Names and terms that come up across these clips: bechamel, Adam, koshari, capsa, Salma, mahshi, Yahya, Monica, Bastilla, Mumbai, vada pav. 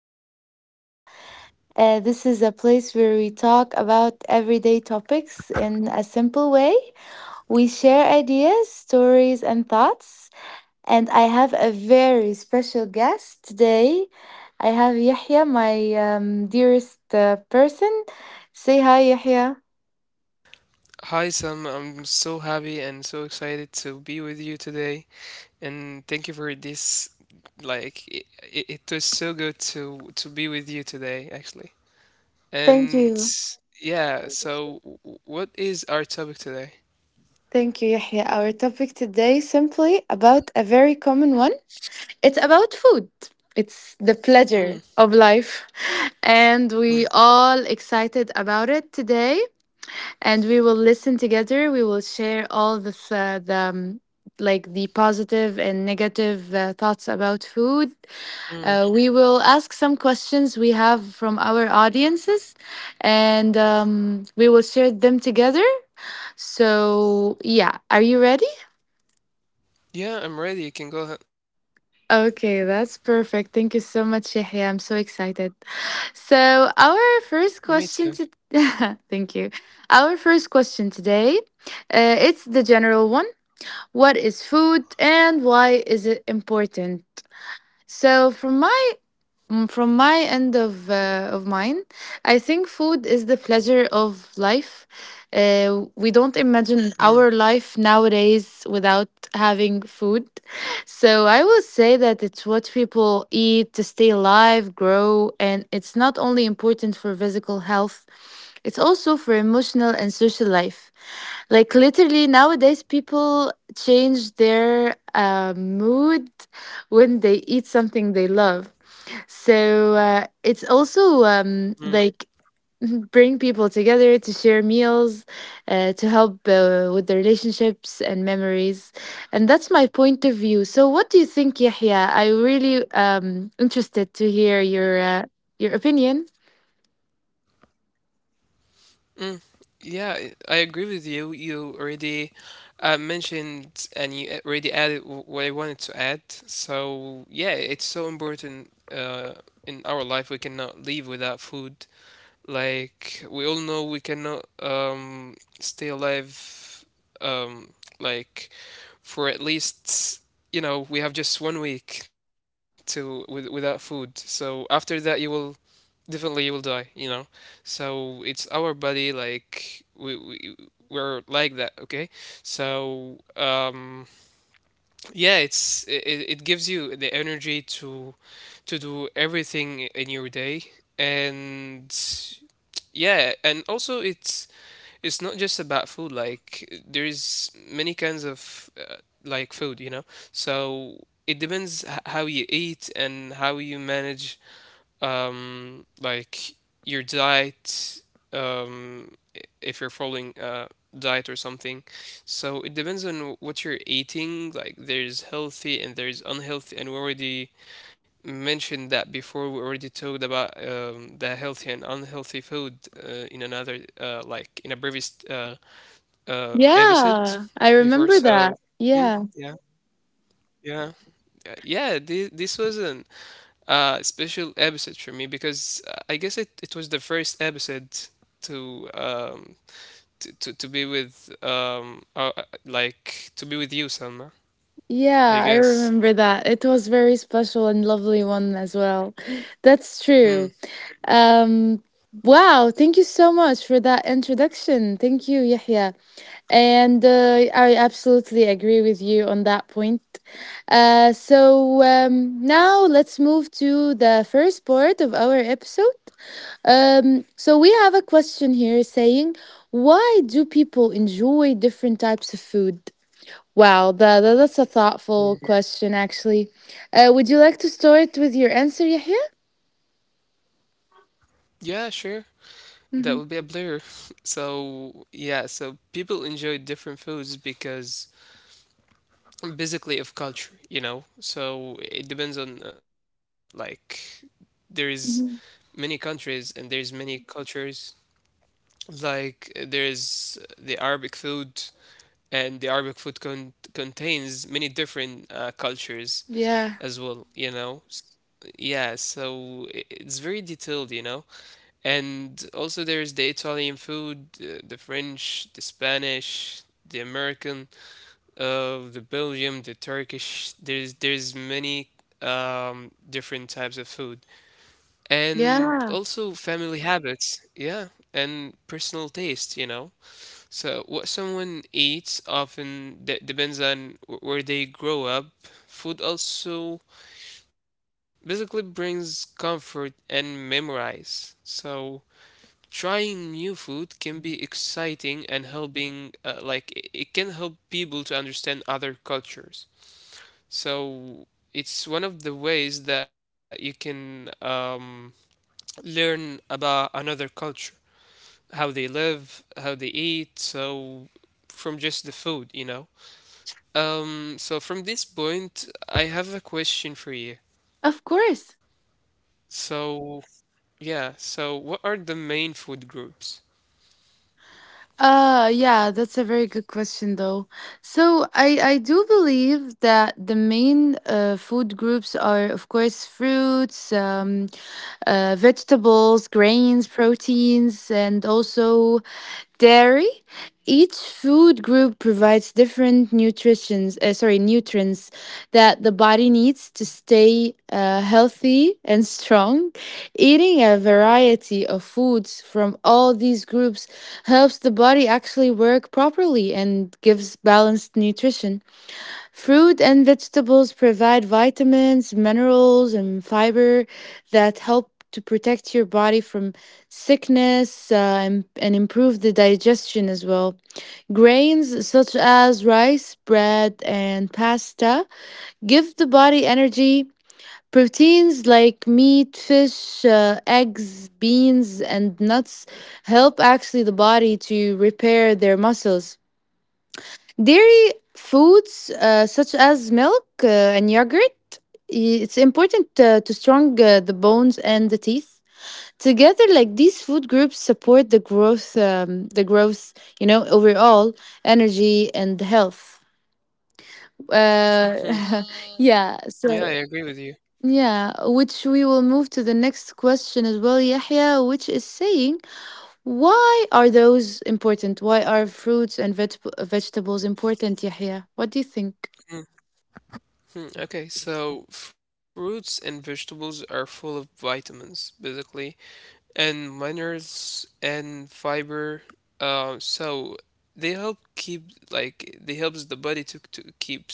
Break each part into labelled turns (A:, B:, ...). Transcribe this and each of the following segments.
A: name is Salma. This is a place where we talk about everyday topics in a simple way. We share ideas, stories, and thoughts. And I have a very special guest today. I have Yahya, my dearest person. Say hi, Yahya.
B: Hi, Sam. I'm so happy and so excited to be with you today. And thank you for this. Like, it was so good to be with you today, actually.
A: Thank
B: And
A: you.
B: yeah, so what is our topic today?
A: Thank you, Yahya. Our topic today simply about a very common one. It's about food. It's the
B: Mm,
A: pleasure of life. And
B: mm,
A: we all excited about it today. And we will listen together. We will share all the like the positive and negative thoughts about food.
B: mm.
A: We will ask some questions we have from our audiences and we will share them together. So, yeah, are you ready?
B: Yeah, I'm ready. You can go ahead.
A: Okay, that's perfect. Thank you so much, Yahya. I'm so excited. So, our
B: Me
A: first
B: too.
A: question to thank you. Our first question today, it's the general one. What is food and why is it important? So, from my Mm, From my end of mine, I think food is the pleasure of life. We don't imagine our life nowadays without having food. So I will say that it's what people eat to stay alive, grow, and it's not only important for physical health, it's also for emotional and social life. Like literally nowadays, people change their mood when they eat something they love. So it's also
B: Mm,
A: like bring people together to share meals, to help with the relationships and memories. And that's my point of view. So what do you think, Yahya? I really interested to hear your opinion.
B: mm, yeah, I agree with you. You already mentioned, and you already added what I wanted to add. So, yeah, it's so important in our life. We cannot live without food. Like, we all know we cannot stay alive, um, like, for at least, we have just one week to without food. So, after that, you will definitely you will die, you know. So it's our body. Like, we're like that, okay. So yeah, it's, it gives you the energy to do everything in your day. And yeah, and also it's not just about food. Like, there is many kinds of food, you know. So it depends how you eat and how you manage um, like your diet, um, if you're following a diet or something. So it depends on what you're eating. Like, there's healthy and there's unhealthy, and we already mentioned that before. We already talked about the healthy and unhealthy food in another, like in a previous episode
A: Yeah, I
B: before.
A: remember
B: So
A: that.
B: mm,
A: Yeah.
B: yeah, yeah, yeah. This was an special episode for me because I guess it was the first episode to um to be with to be with you, Selma. I
A: Yeah, I
B: guess.
A: remember that. It was very special and lovely one as well. That's true.
B: Mm,
A: Um, wow, thank you so much for that introduction. Thank you, Yahya. And I absolutely agree with you on that point. So now let's move to the first part of our episode. So we have a question here saying, why do people enjoy different types of food? Wow, that's a thoughtful
B: yeah.
A: question, actually. Would you like to start with your answer, Yahya?
B: Yeah, sure. That would
A: Hmm.
B: be a blur. So yeah, so people enjoy different foods because basically of culture, you know. So it depends on, there is many countries and there's many cultures. Like, there is the Arabic food, and the Arabic food contains many different cultures
A: Yeah.
B: as well, you know? Yeah, so it's very detailed, you know? And also there's the Italian food, the French, the Spanish, the American, the Belgium, the Turkish. There's many different types of food, and
A: Yeah.
B: also family habits, yeah, and personal taste, you know. So, what someone eats often depends on where they grow up. Food also basically brings comfort and memorize. So, trying new food can be exciting and helping, it can help people to understand other cultures. So, it's one of the ways that you can learn about another culture, how they live, how they eat. So, from just the food, you know? So from this point, I have a question for you.
A: Of course.
B: So, yeah, so what are the main food groups?
A: Yeah, that's a very good question though. So I do believe that the main food groups are of course fruits, vegetables, grains, proteins, and also dairy. Each food group provides different nutritions, sorry, nutrients that the body needs to stay healthy and strong. Eating a variety of foods from all these groups helps the body actually work properly and gives balanced nutrition. Fruit and vegetables provide vitamins, minerals, and fiber that help to protect your body from sickness and improve the digestion as well. Grains such as rice, bread, and pasta give the body energy. Proteins like meat, fish, eggs, beans, and nuts help actually the body to repair their muscles. Dairy foods such as milk and yogurt, it's important to strong the bones and the teeth. Together, like these food groups support the growth, you know, overall energy and health. Uh,
B: Hmm.
A: yeah. So
B: Yeah, I agree with you.
A: yeah, which we will move to the next question as well, Yahya, which is saying, why are those important? Why are fruits and vegetables important, Yahya? What do you think?
B: Hmm. Hmm. Okay, so fruits and vegetables are full of vitamins, basically, and minerals and fiber. So they help keep, like they helps the body to keep,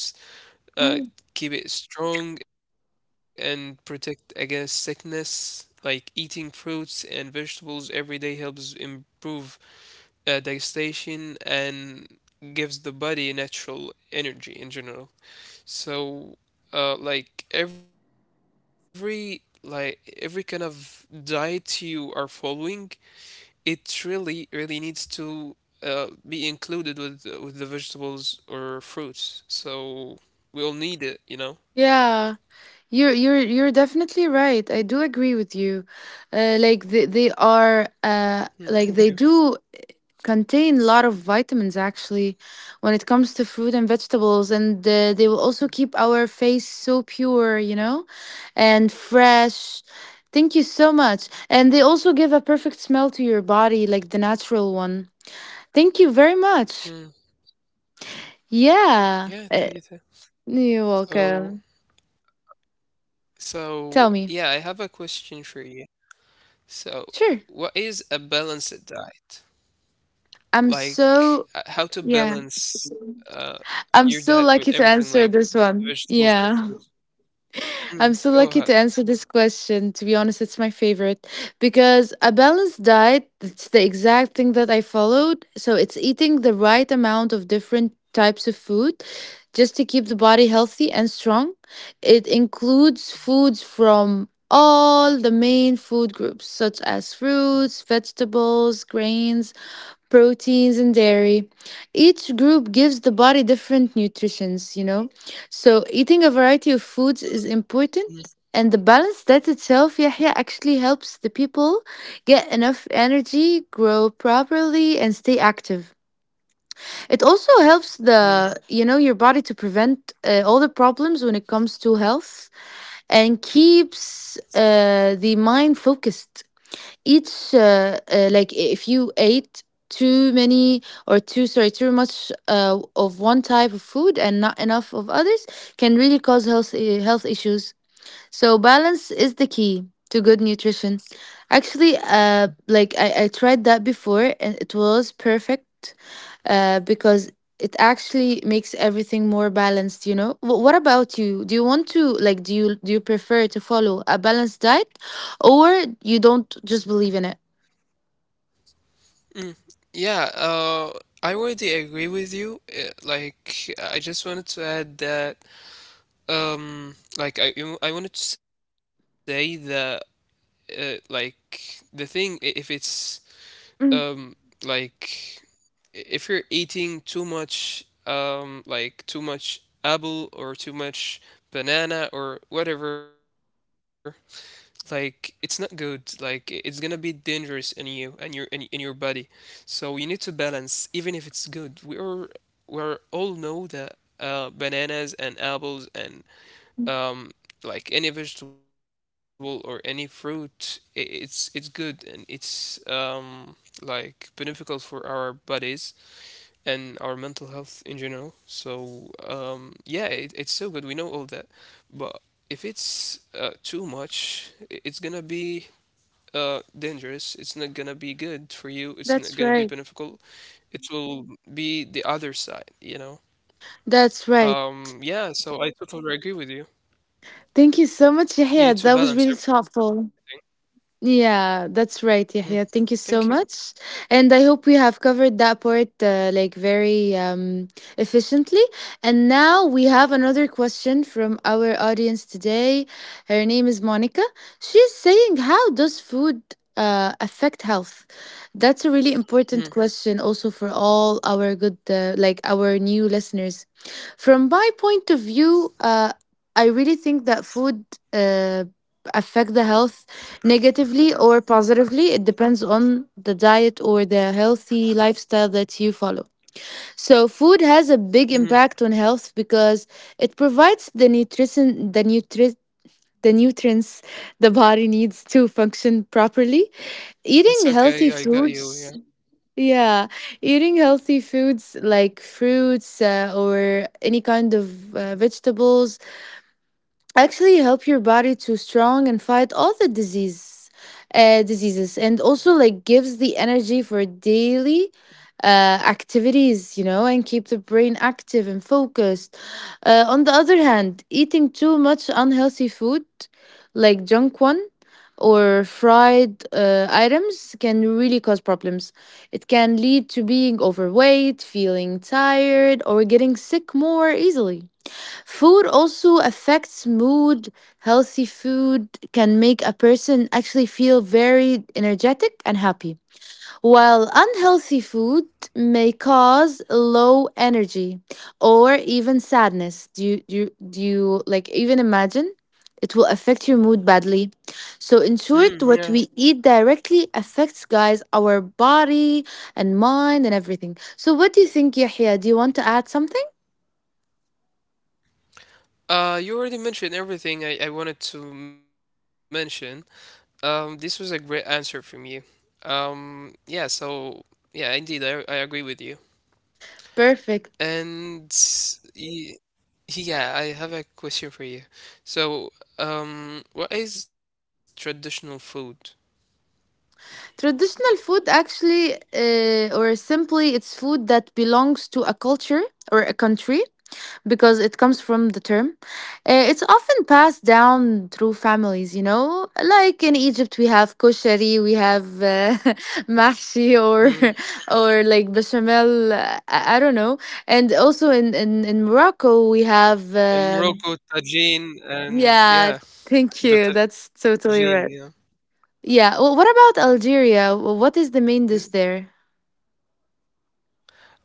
B: uh,
A: Um,
B: keep it strong and protect against sickness. Like, eating fruits and vegetables every day helps improve digestion and gives the body natural energy in general. So, like every kind of diet you are following, it really really needs to be included with the vegetables or fruits. So we'll need it, you know.
A: Yeah, you're definitely right. I do agree with you. Like they are
B: Hmm. Thank you.
A: like they do contain a lot of vitamins actually when it comes to fruit and vegetables, and they will also keep our face so pure, you know, and fresh. Thank you so much. And they also give a perfect smell to your body, like the natural one. Thank you very much.
B: Mm,
A: Yeah.
B: yeah, thank you too.
A: You're welcome.
B: So,
A: Tell
B: so
A: me.
B: yeah, I have a question for you. So,
A: Sure.
B: what is a balanced diet?
A: I'm
B: Like,
A: so
B: how to
A: Yeah.
B: balance uh
A: I'm
B: your
A: so
B: diet
A: lucky
B: with
A: to
B: everything
A: answer
B: like
A: this one.
B: vegetables and
A: Yeah.
B: fruits?
A: I'm
B: Mm,
A: so
B: go
A: lucky
B: ahead.
A: to answer this question. To be honest, it's my favorite because a balanced diet, it's the exact thing that I followed. So it's eating the right amount of different types of food just to keep the body healthy and strong. It includes foods from all the main food groups such as fruits, vegetables, grains, proteins and dairy. Each group gives the body different nutritions, you know. So eating a variety of foods is important
B: Mm,
A: and the balance diet itself Yahya actually helps the people get enough energy, grow properly and stay active. It also helps
B: mm,
A: the you know your body to prevent all the problems when it comes to health and keeps the mind focused each like if you ate too many or too much of one type of food and not enough of others can really cause health issues, so balance is the key to good nutrition, actually. I tried that before and it was perfect because it actually makes everything more balanced, you know. What about you? Do you want to like do you prefer to follow a balanced diet or you don't just believe in it?
B: mm. Yeah, I already agree with you. Like, I just wanted to add that, like I, you know, I wanted to say that, like the thing, if it's um
A: Mm,
B: like if you're eating too much, too much apple or too much banana or whatever, like it's not good. Like, it's gonna be dangerous in you and your, in your body, so you need to balance. Even if it's good, we're, we are all know that bananas and apples and um, like any vegetable or any fruit, it's good, and it's, like beneficial for our bodies and our mental health in general. So yeah, it, it's so good. We know all that, but if it's too much, it's gonna be dangerous. It's not gonna be good for you. It's
A: that's
B: not gonna
A: right.
B: be beneficial. It will be the other side, you know.
A: That's right.
B: Yeah. So I totally agree with you.
A: Thank you so much, Yahya.
B: You
A: That
B: need
A: was
B: to
A: really
B: balance everything.
A: thoughtful. Yeah, that's
B: Mm.
A: right, Yahya. Thank you
B: Thank you.
A: so much. And I hope we have covered that part like very efficiently. And now we have another question from our audience today. Her name is Monica. She's saying, how does food affect health? That's a really
B: Mm,
A: important question also for all our good, like our new listeners. From my point of view, I really think that food uh, affect the health. Negatively or positively, it depends on the diet or the healthy lifestyle that you follow. So, food has a big
B: mm.
A: impact on health because it provides the nutrients the body needs to function properly. Eating
B: It's
A: healthy
B: okay. I got
A: foods,
B: you. Yeah.
A: yeah, eating healthy foods like fruits or any kind of vegetables actually help your body to strong and fight all the diseases, and also like gives the energy for daily activities, you know, and keep the brain active and focused. On the other hand, eating too much unhealthy food like junk one or fried items can really cause problems. It can lead to being overweight, feeling tired, or getting sick more easily. Food also affects mood. Healthy food can make a person actually feel very energetic and happy, while unhealthy food may cause low energy or even sadness. Do you like even imagine? It will affect your mood badly.
B: Mm,
A: So, in
B: yeah.
A: short, what we eat directly affects, guys, our body and mind and everything. So, what do you think, Yahya? Do you want to add something?
B: You already mentioned everything I wanted to mention. This was a great answer from you. Yeah. So yeah, indeed, I agree with you.
A: Perfect.
B: And y- yeah, I have a question for you. So, what is traditional food?
A: Traditional food, actually, or simply, it's food that belongs to a culture or a country because it comes from the term. It's often passed down through families, you know. Like in Egypt, we have koshari, we have mahshi, or
B: Mm.
A: or like bechamel. I don't know. And also in Morocco, we have
B: In Morocco, tagine, and
A: yeah.
B: yeah,
A: Thank you.
B: the
A: That's
B: tagine.
A: totally right. Yeah. Well, what about Algeria? What is the
B: Yeah.
A: main dish there?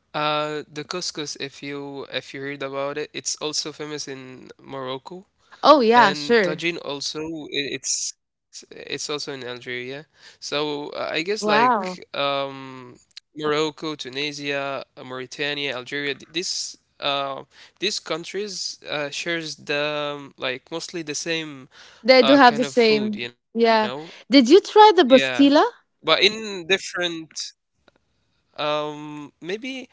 B: The couscous, if you heard about it, it's also famous in Morocco,
A: Oh yeah,
B: and
A: sure.
B: tagine also, i- it's also in Algeria. So I guess like
A: Wow.
B: Morocco, Tunisia, Mauritania, Algeria, this, these countries shares the, like mostly the same
A: They do have
B: kind
A: the
B: of food,
A: same.
B: you know?
A: Yeah. Did you try
B: Yeah.
A: the Bastilla?
B: But in different, maybe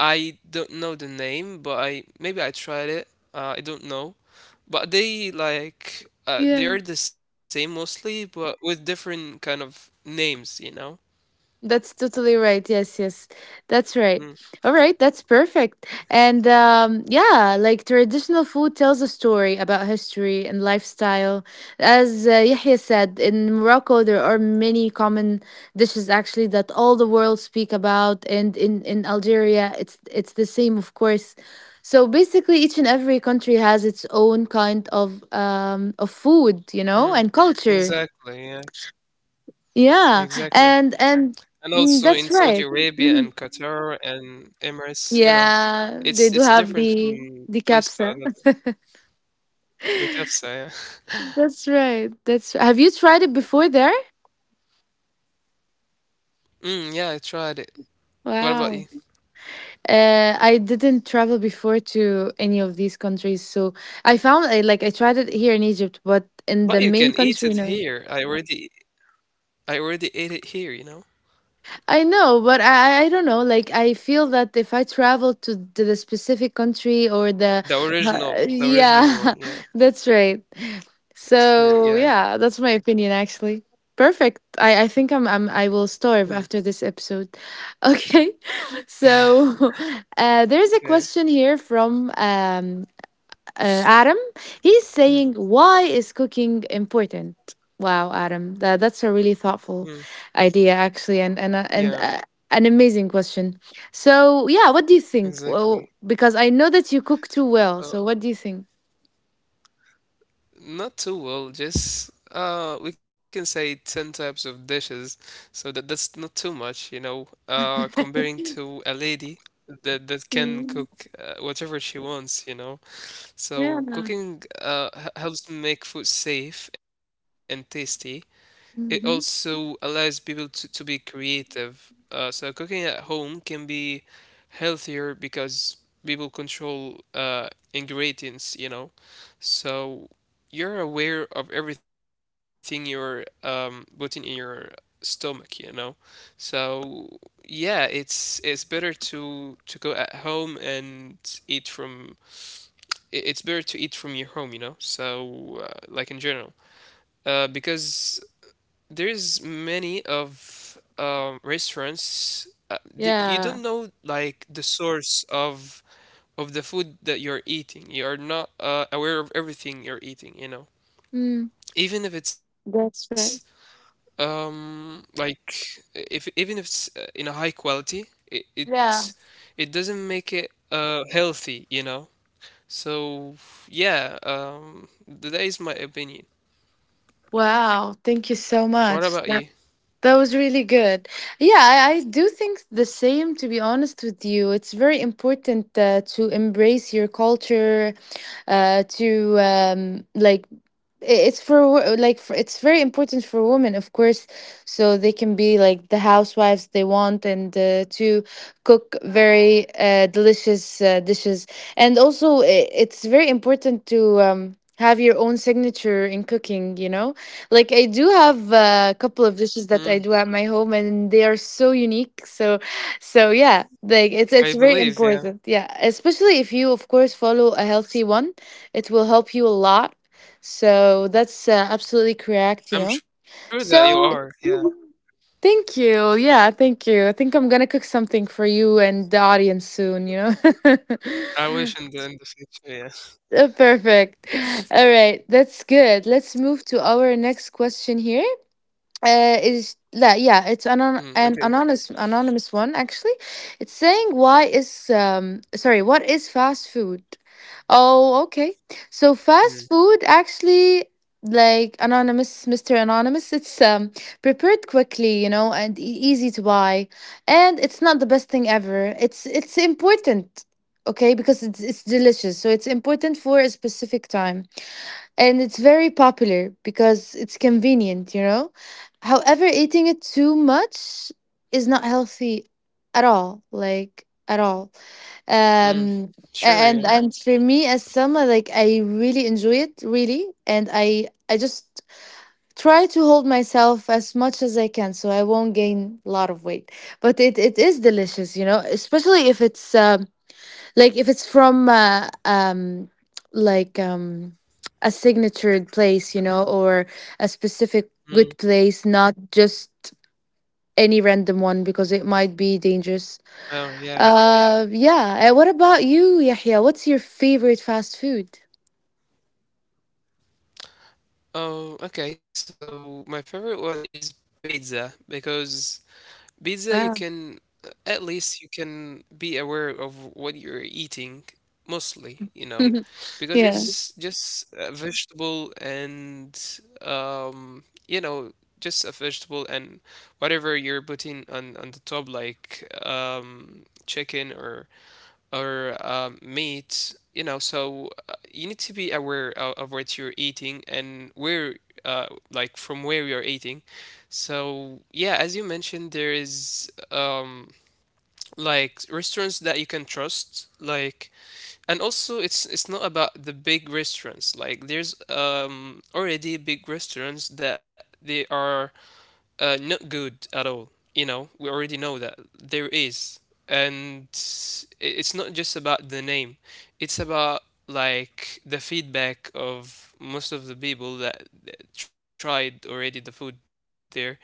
B: I don't know the name, but I maybe I tried it. I don't know, but they like, they are the same mostly, but with different kind of names, you know.
A: That's totally right. Yes, yes. That's right.
B: Mm,
A: All right, that's perfect. And yeah, like traditional food tells a story about history and lifestyle. As Yahya said, in Morocco there are many common dishes actually that all the world speak about, and in Algeria it's the same of course. So basically each and every country has its own kind of food, you know,
B: mm,
A: and culture.
B: exactly, yeah,
A: Yeah,
B: exactly.
A: and
B: And
A: mm,
B: also in
A: that's
B: Saudi
A: right.
B: Arabia
A: Mhm.
B: and Qatar and Emirates, you know,
A: Yeah, they
B: it's
A: do
B: it's
A: have
B: different from
A: the
B: place to
A: capsa.
B: another. The kafsa, yeah.
A: That's right. That's Have you tried it before there?
B: Mm, yeah, I tried it. What about you?
A: Wow. I didn't travel before to any of these countries, so I found I like I tried it here in Egypt, but in
B: But
A: the
B: you
A: main
B: can eat
A: country,
B: it
A: no.
B: here. I already ate it here, you know.
A: I know, but I don't know. Like, I feel that if I travel to the specific country or the, uh,
B: The original
A: yeah,
B: one, yeah.
A: that's right.
B: Mm,
A: So
B: yeah.
A: yeah, that's my opinion actually. Perfect. I think I'm I will
B: Mm,
A: starve after this episode. Okay. So there's a
B: okay.
A: question here from Adam. He's
B: Mm,
A: saying, "Why is cooking important?" Wow, Adam, that, that's a really thoughtful
B: mm,
A: idea, actually, and and uh, and
B: yeah,
A: uh, an amazing question. So, yeah, what do you think?
B: exactly.
A: Well, because I know that you cook too well,
B: Uh,
A: so what do you think?
B: not too well, just we can say 10 types of dishes, so that that's not too much, you know, comparing to a lady that that can
A: Mm,
B: cook whatever she wants, you know.
A: yeah.
B: So cooking h- helps make food safe and tasty. It also
A: Mm-hmm.
B: allows people to be creative. So cooking at home can be healthier because people control ingredients, you know. So you're aware of everything you're putting in your stomach, you know. So yeah, it's better to go at home and eat from. I- It's better to eat from your home, you know. So like in general, because there's many of restaurants the, you
A: Yeah.
B: don't know like the source of the food that you're eating you are not aware of everything you're eating you know
A: Mm,
B: even if it's
A: that's right.
B: like if even if it's in a high quality it it,
A: Yeah.
B: it doesn't make it healthy you know so yeah that is my opinion
A: Wow.
B: what
A: Thank you
B: about you
A: so much. That was really good. Yeah, I do think the same, to be honest with you. It's very important to embrace your culture, to like it's like for, it's very important for women, of course, so they can be like the housewives they want, and to cook very delicious dishes. And also, it's very important to have your own signature in cooking, you know. Like I do have a couple of
B: Mm,
A: dishes that I do at my home, and they are so unique. So so yeah, like
B: I
A: it's very
B: believe, yeah.
A: important, yeah, especially if you, of course, follow a healthy one, it will help you a lot. So that's absolutely correct, you
B: I'm
A: know.
B: sure that you are,
A: So
B: yeah.
A: thank you. Yeah, thank you. I think I'm going to cook something for you and the audience soon, you know.
B: I wish in the future, yeah.
A: Perfect. All right, that's good. Let's move to our next question here. Is that, yeah,
B: Mm,
A: it's an
B: okay.
A: an anonymous one, actually. It's saying, why is sorry, what is fast food? Oh, okay. So
B: Mm,
A: fast food, actually, like anonymous, Mr. Anonymous, it's prepared quickly, you know, and easy to buy, and it's not the best thing ever. It's important, okay, because it's delicious, so it's important for a specific time. And it's very popular because it's convenient, you know. However, eating it too much is not healthy at all, like at all.
B: mm,
A: Um and
B: sure, yeah.
A: and for me as Selma, like I really enjoy it, really, and I just try to hold myself as much as I can so I won't gain a lot of weight. But it is delicious, you know, especially if it's like if it's from like a signatured place, you know, or a specific good
B: Mm,
A: place, not just any random one because it might be dangerous.
B: oh, yeah.
A: Yeah. What about you, Yahya? What's your favorite fast food?
B: Oh, okay. So my favorite one is pizza because pizza you
A: Wow.
B: can, at least you can be aware of what you're eating mostly, you know, because
A: yeah.
B: it's just a vegetable and, you know, just a vegetable and whatever you're putting on the top, like chicken or meat, you know. So you need to be aware of what you're eating and where, like from where you're eating. So yeah, as you mentioned, there is like restaurants that you can trust, like, and also it's not about the big restaurants. Like, there's already big restaurants that they are not good at all. You know, we already know that there is, and it's not just about the name; it's about like the feedback of most of the people that that tried already the food there. So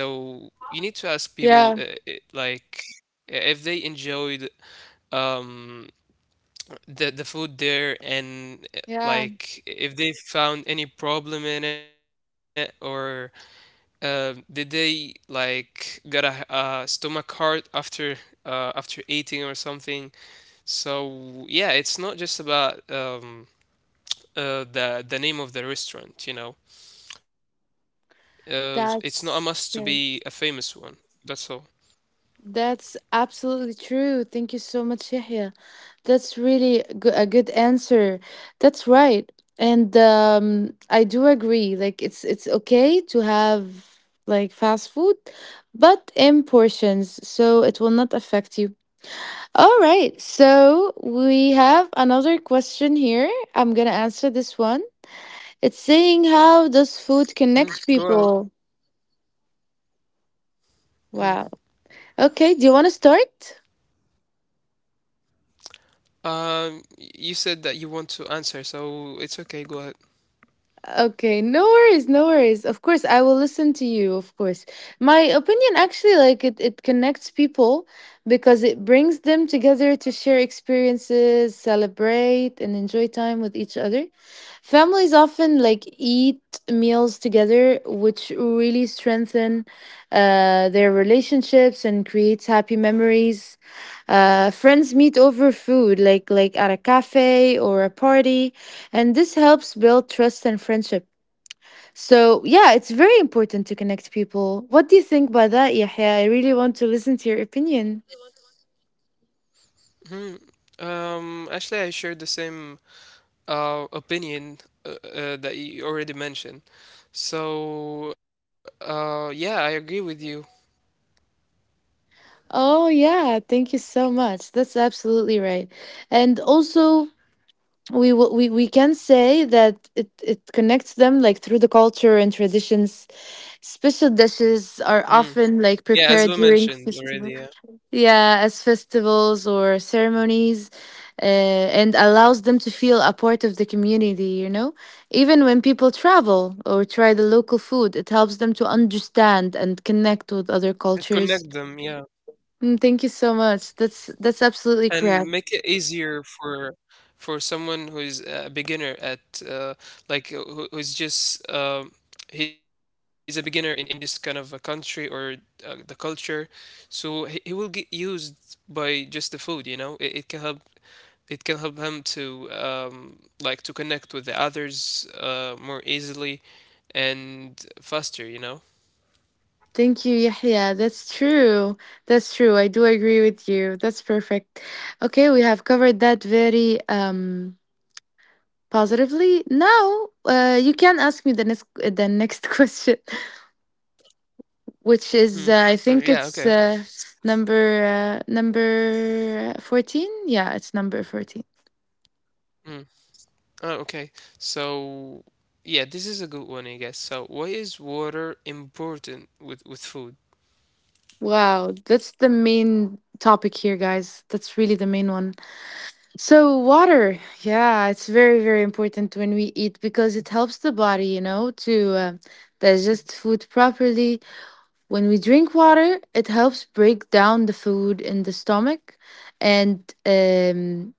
B: you need to ask people,
A: Yeah.
B: like if they enjoyed um the food there, and,
A: Yeah.
B: like if they found any problem in it, or did they like got a, stomach hurt after, after eating or something? So yeah, it's not just about, the name of the restaurant, you know. It's not a must to be a famous
A: That's
B: one.
A: yeah.
B: That's all.
A: That's absolutely true. Thank you so much, Yahya. That's really a a good answer. That's right. And I do agree. Like it's okay to have like fast food, but in portions, so it will not affect you. All right. So we have another question here. I'm gonna answer this one. It's saying, how
B: Mm,
A: does
B: go
A: food
B: ahead.
A: connect people?
B: Mhm.
A: Wow. Okay. Do you want to start?
B: You said that you want to answer, so it's okay. Go ahead.
A: Okay, no worries, no worries. Of course, I will listen to you, of course. My opinion, actually, like it connects people because it brings them together to share experiences, celebrate, and enjoy time with each other. Families often like eat meals together, which really strengthen their relationships and creates happy memories. Friends meet over food like at a cafe or a party, and this helps build trust and friendship. So, yeah, it's very important to connect people. What do you think by that, Yahya? I really want to listen to your opinion.
B: Mhm. Actually, I shared the same opinion that you already mentioned. So yeah, I agree with you.
A: Oh, yeah, thank you so much. That's absolutely right. And also, we can say that it connects them like through the culture and traditions. Special dishes are
B: Hmm.
A: often like
B: Yeah, as we
A: prepared during
B: mentioned already,
A: festivals.
B: yeah.
A: Yeah, as festivals or ceremonies, and allows them to feel a part of the community, you know? Even when people travel or try the local food, it helps them to understand and connect with other
B: It connect
A: cultures.
B: them, yeah,
A: Mm, thank you so much. That's absolutely correct.
B: and make it easier for someone who is a beginner at, who, who's just he's a beginner in this kind of a country, or the culture. So he will get used by just the food, you know. It can help, it can help him to, to connect with the others, more easily and faster, you know.
A: Thank you, Yahya. That's true. That's true. I do agree with you. That's perfect. Okay, we have covered that very positively. Now, you can ask me the next question,
B: Mm.
A: which is I
B: Yeah,
A: think
B: okay.
A: it's number number 14. Yeah, it's number 14.
B: Mm. Oh, okay. So yeah, this is a good one, I guess. So why is water important with food?
A: Wow, that's the main topic here, guys. That's really the main one. So water, yeah, it's very very important when we eat because it helps the body, you know, to digest food properly. When we drink water, it helps break down the food in the stomach, and um,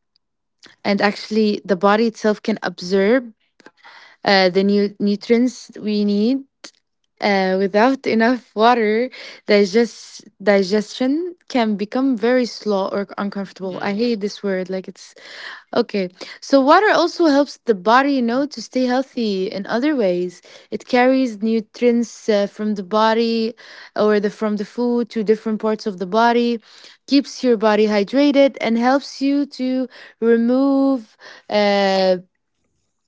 A: and actually the body itself can absorb the new nutrients we need. Without enough water, digestion can become very slow or
B: Mm,
A: uncomfortable. I hate this word. Like it's okay. So water also helps the body, you know, to stay healthy in other ways. It carries nutrients from the body or the from the food to different parts of the body, keeps your body hydrated, and helps you to remove uh,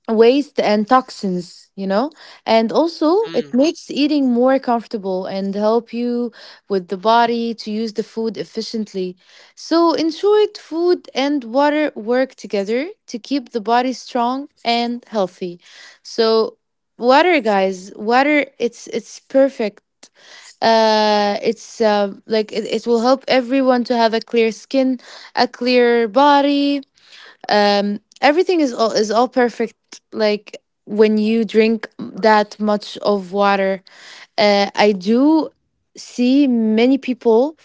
A: waste and toxins, you know. And also it
B: mm.
A: makes eating more comfortable and help you with the body to use the food efficiently. So enjoyed food and water work together to keep the body strong and healthy. So water, guys, water, it's perfect. It's like it will help everyone to have a clear skin, a clear body. Everything is all perfect. Like when you drink that much of water, I do see many people,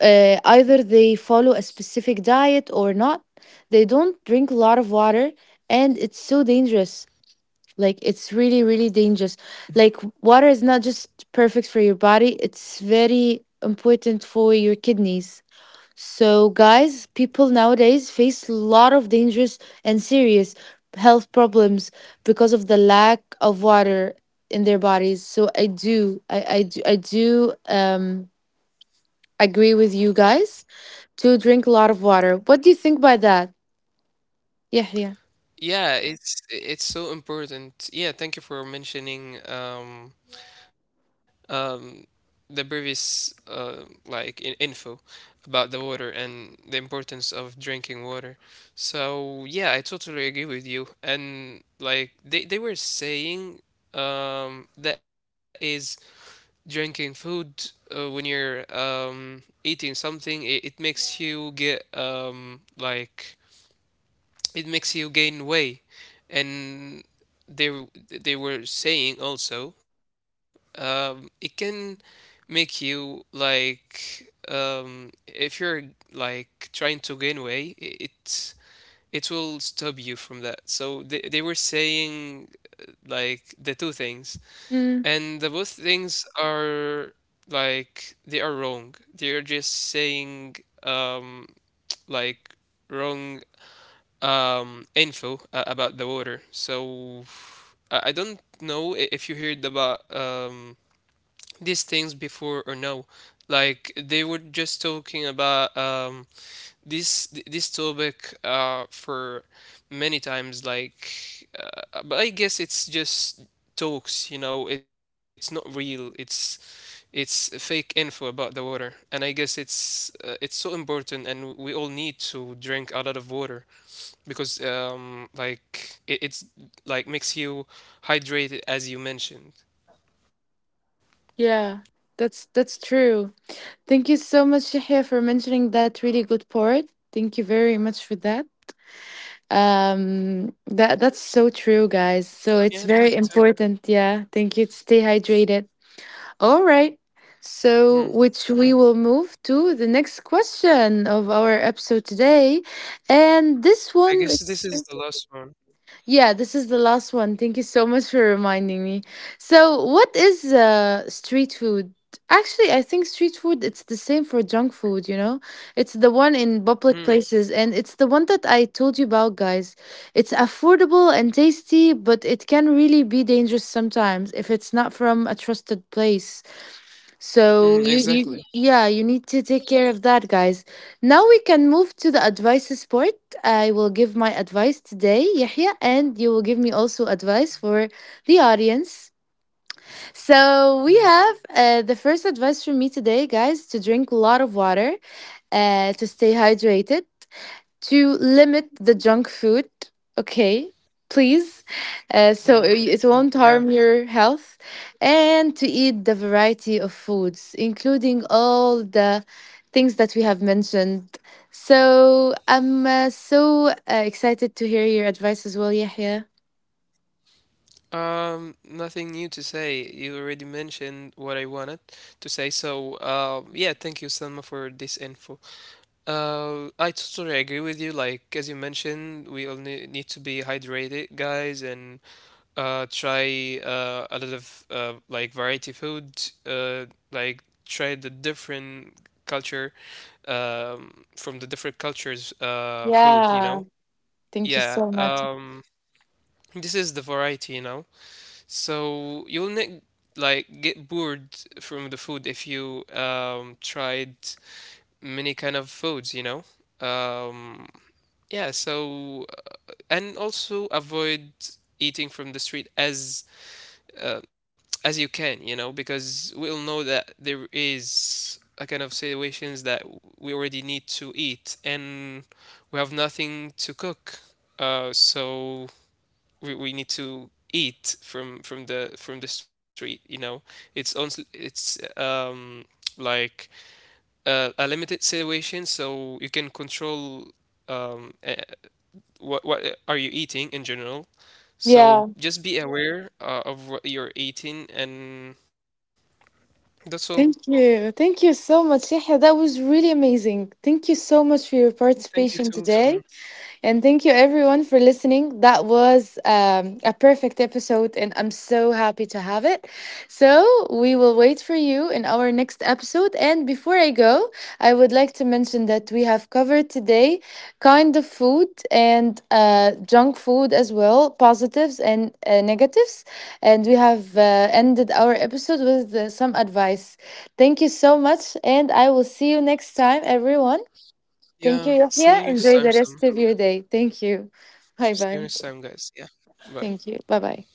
A: either they follow a specific diet or not, they don't drink a lot of water, and it's so dangerous. Like it's really really dangerous. Like water is not just perfect for your body, it's very important for your kidneys. So, guys, people nowadays face a lot of dangerous and serious health problems because of the lack of water in their bodies. So, I do agree with you guys to drink a lot of water. What do you think by that? Yeah, yeah.
B: Yeah, it's so important. Yeah, thank you for mentioning, um, the previous, info about the water and the importance of drinking water. So yeah, I totally agree with you. And like they were saying, that is, drinking food, when you're, eating something, it makes you get, it makes you gain weight. And they were saying also, it can make you like, if you're like trying to gain weight, it, it will stop you from that. So they were saying like the two things,
A: Mm,
B: and the both things are, like they are wrong. They're just saying, um like wrong, info, about the water. So I don't know if you heard about, these things before or no. Like they were just talking about, this this topic, for many times. Like, but I guess it's just talks. You know, it's not real. It's fake info about the water, and I guess it's, it's so important, and we all need to drink a lot of water because like it, it's like makes you hydrated, as you mentioned.
A: yeah, that's true. Thank you so much, Yahya, for mentioning that really good point. Thank you very much for that. That that's so true,
B: Yeah,
A: guys.
B: thank
A: So
B: you too.
A: it's very important. Yeah, thank you. To stay hydrated. All right.
B: Mm.
A: So, which we will move to the next question of our episode today, and
B: I guess
A: this
B: this
A: one
B: is the
A: is
B: last one.
A: yeah, this is the last one. Thank you so much for reminding me. So, what is street food? Actually, I think street food, it's the same for junk food, you know? It's the one in
B: Mm,
A: public places, and it's the one that I told you about, guys. It's affordable and tasty, but it can really be dangerous sometimes if it's not from a trusted place.
B: mm,
A: So you
B: exactly.
A: you yeah, you need to take care of that, guys. Now we can move to the advices part. I will give my advice today, Yahya, and you will give me also advice for the audience. So we
B: Mm,
A: have the first advice from me today, guys, to drink a lot of water, to stay hydrated, to limit the junk food, okay, please, so it
B: mm,
A: it won't
B: mm,
A: harm
B: yeah.
A: your health, and to eat the variety of foods including all the things that we have mentioned. So I'm excited to hear your advice as well, Yahya.
B: Nothing new to say. You already mentioned what I wanted to say. So yeah, thank you, Selma, for this info. I totally agree with you. Like, as you mentioned, we all need, need to be hydrated, guys, and try a lot of, variety food. Try the different culture, from the different cultures food, you
A: Yeah,
B: know.
A: thank you
B: Yeah.
A: so much.
B: This is the variety, you know. So you'll like get bored from the food if you tried many kind of foods, you know. um yeah. So and also avoid eating from the street as, uh, as you can, you know, because we all know that there is a kind of situations that we already need to eat and we have nothing to cook. So we need to eat from, from the street, you know. It's on, it's like a limited situation, so you can control, um uh, what are you eating in general.
A: Yeah,
B: So just be aware, of what you're eating, and that's all.
A: thank you. Thank you so much, Yahya, that was really amazing. Thank you so much for your
B: Thank you
A: participation
B: too, Sam.
A: today. And thank you everyone for listening. That was a perfect episode, and I'm so happy to have it. So, we will wait for you in our next episode. And before I go, I would like to mention that we have covered today kind of food and junk food as well, positives and negatives. And we have ended our episode with some advice. Thank you so much, and I will see you next time, everyone. Thank you,
B: Yeah. See
A: Yahya.
B: you next
A: Enjoy
B: time,
A: the
B: Sam.
A: rest of your day. Thank you. Bye
B: See you
A: bye.
B: next time, guys. Yeah. Bye.
A: Thank you. Bye bye.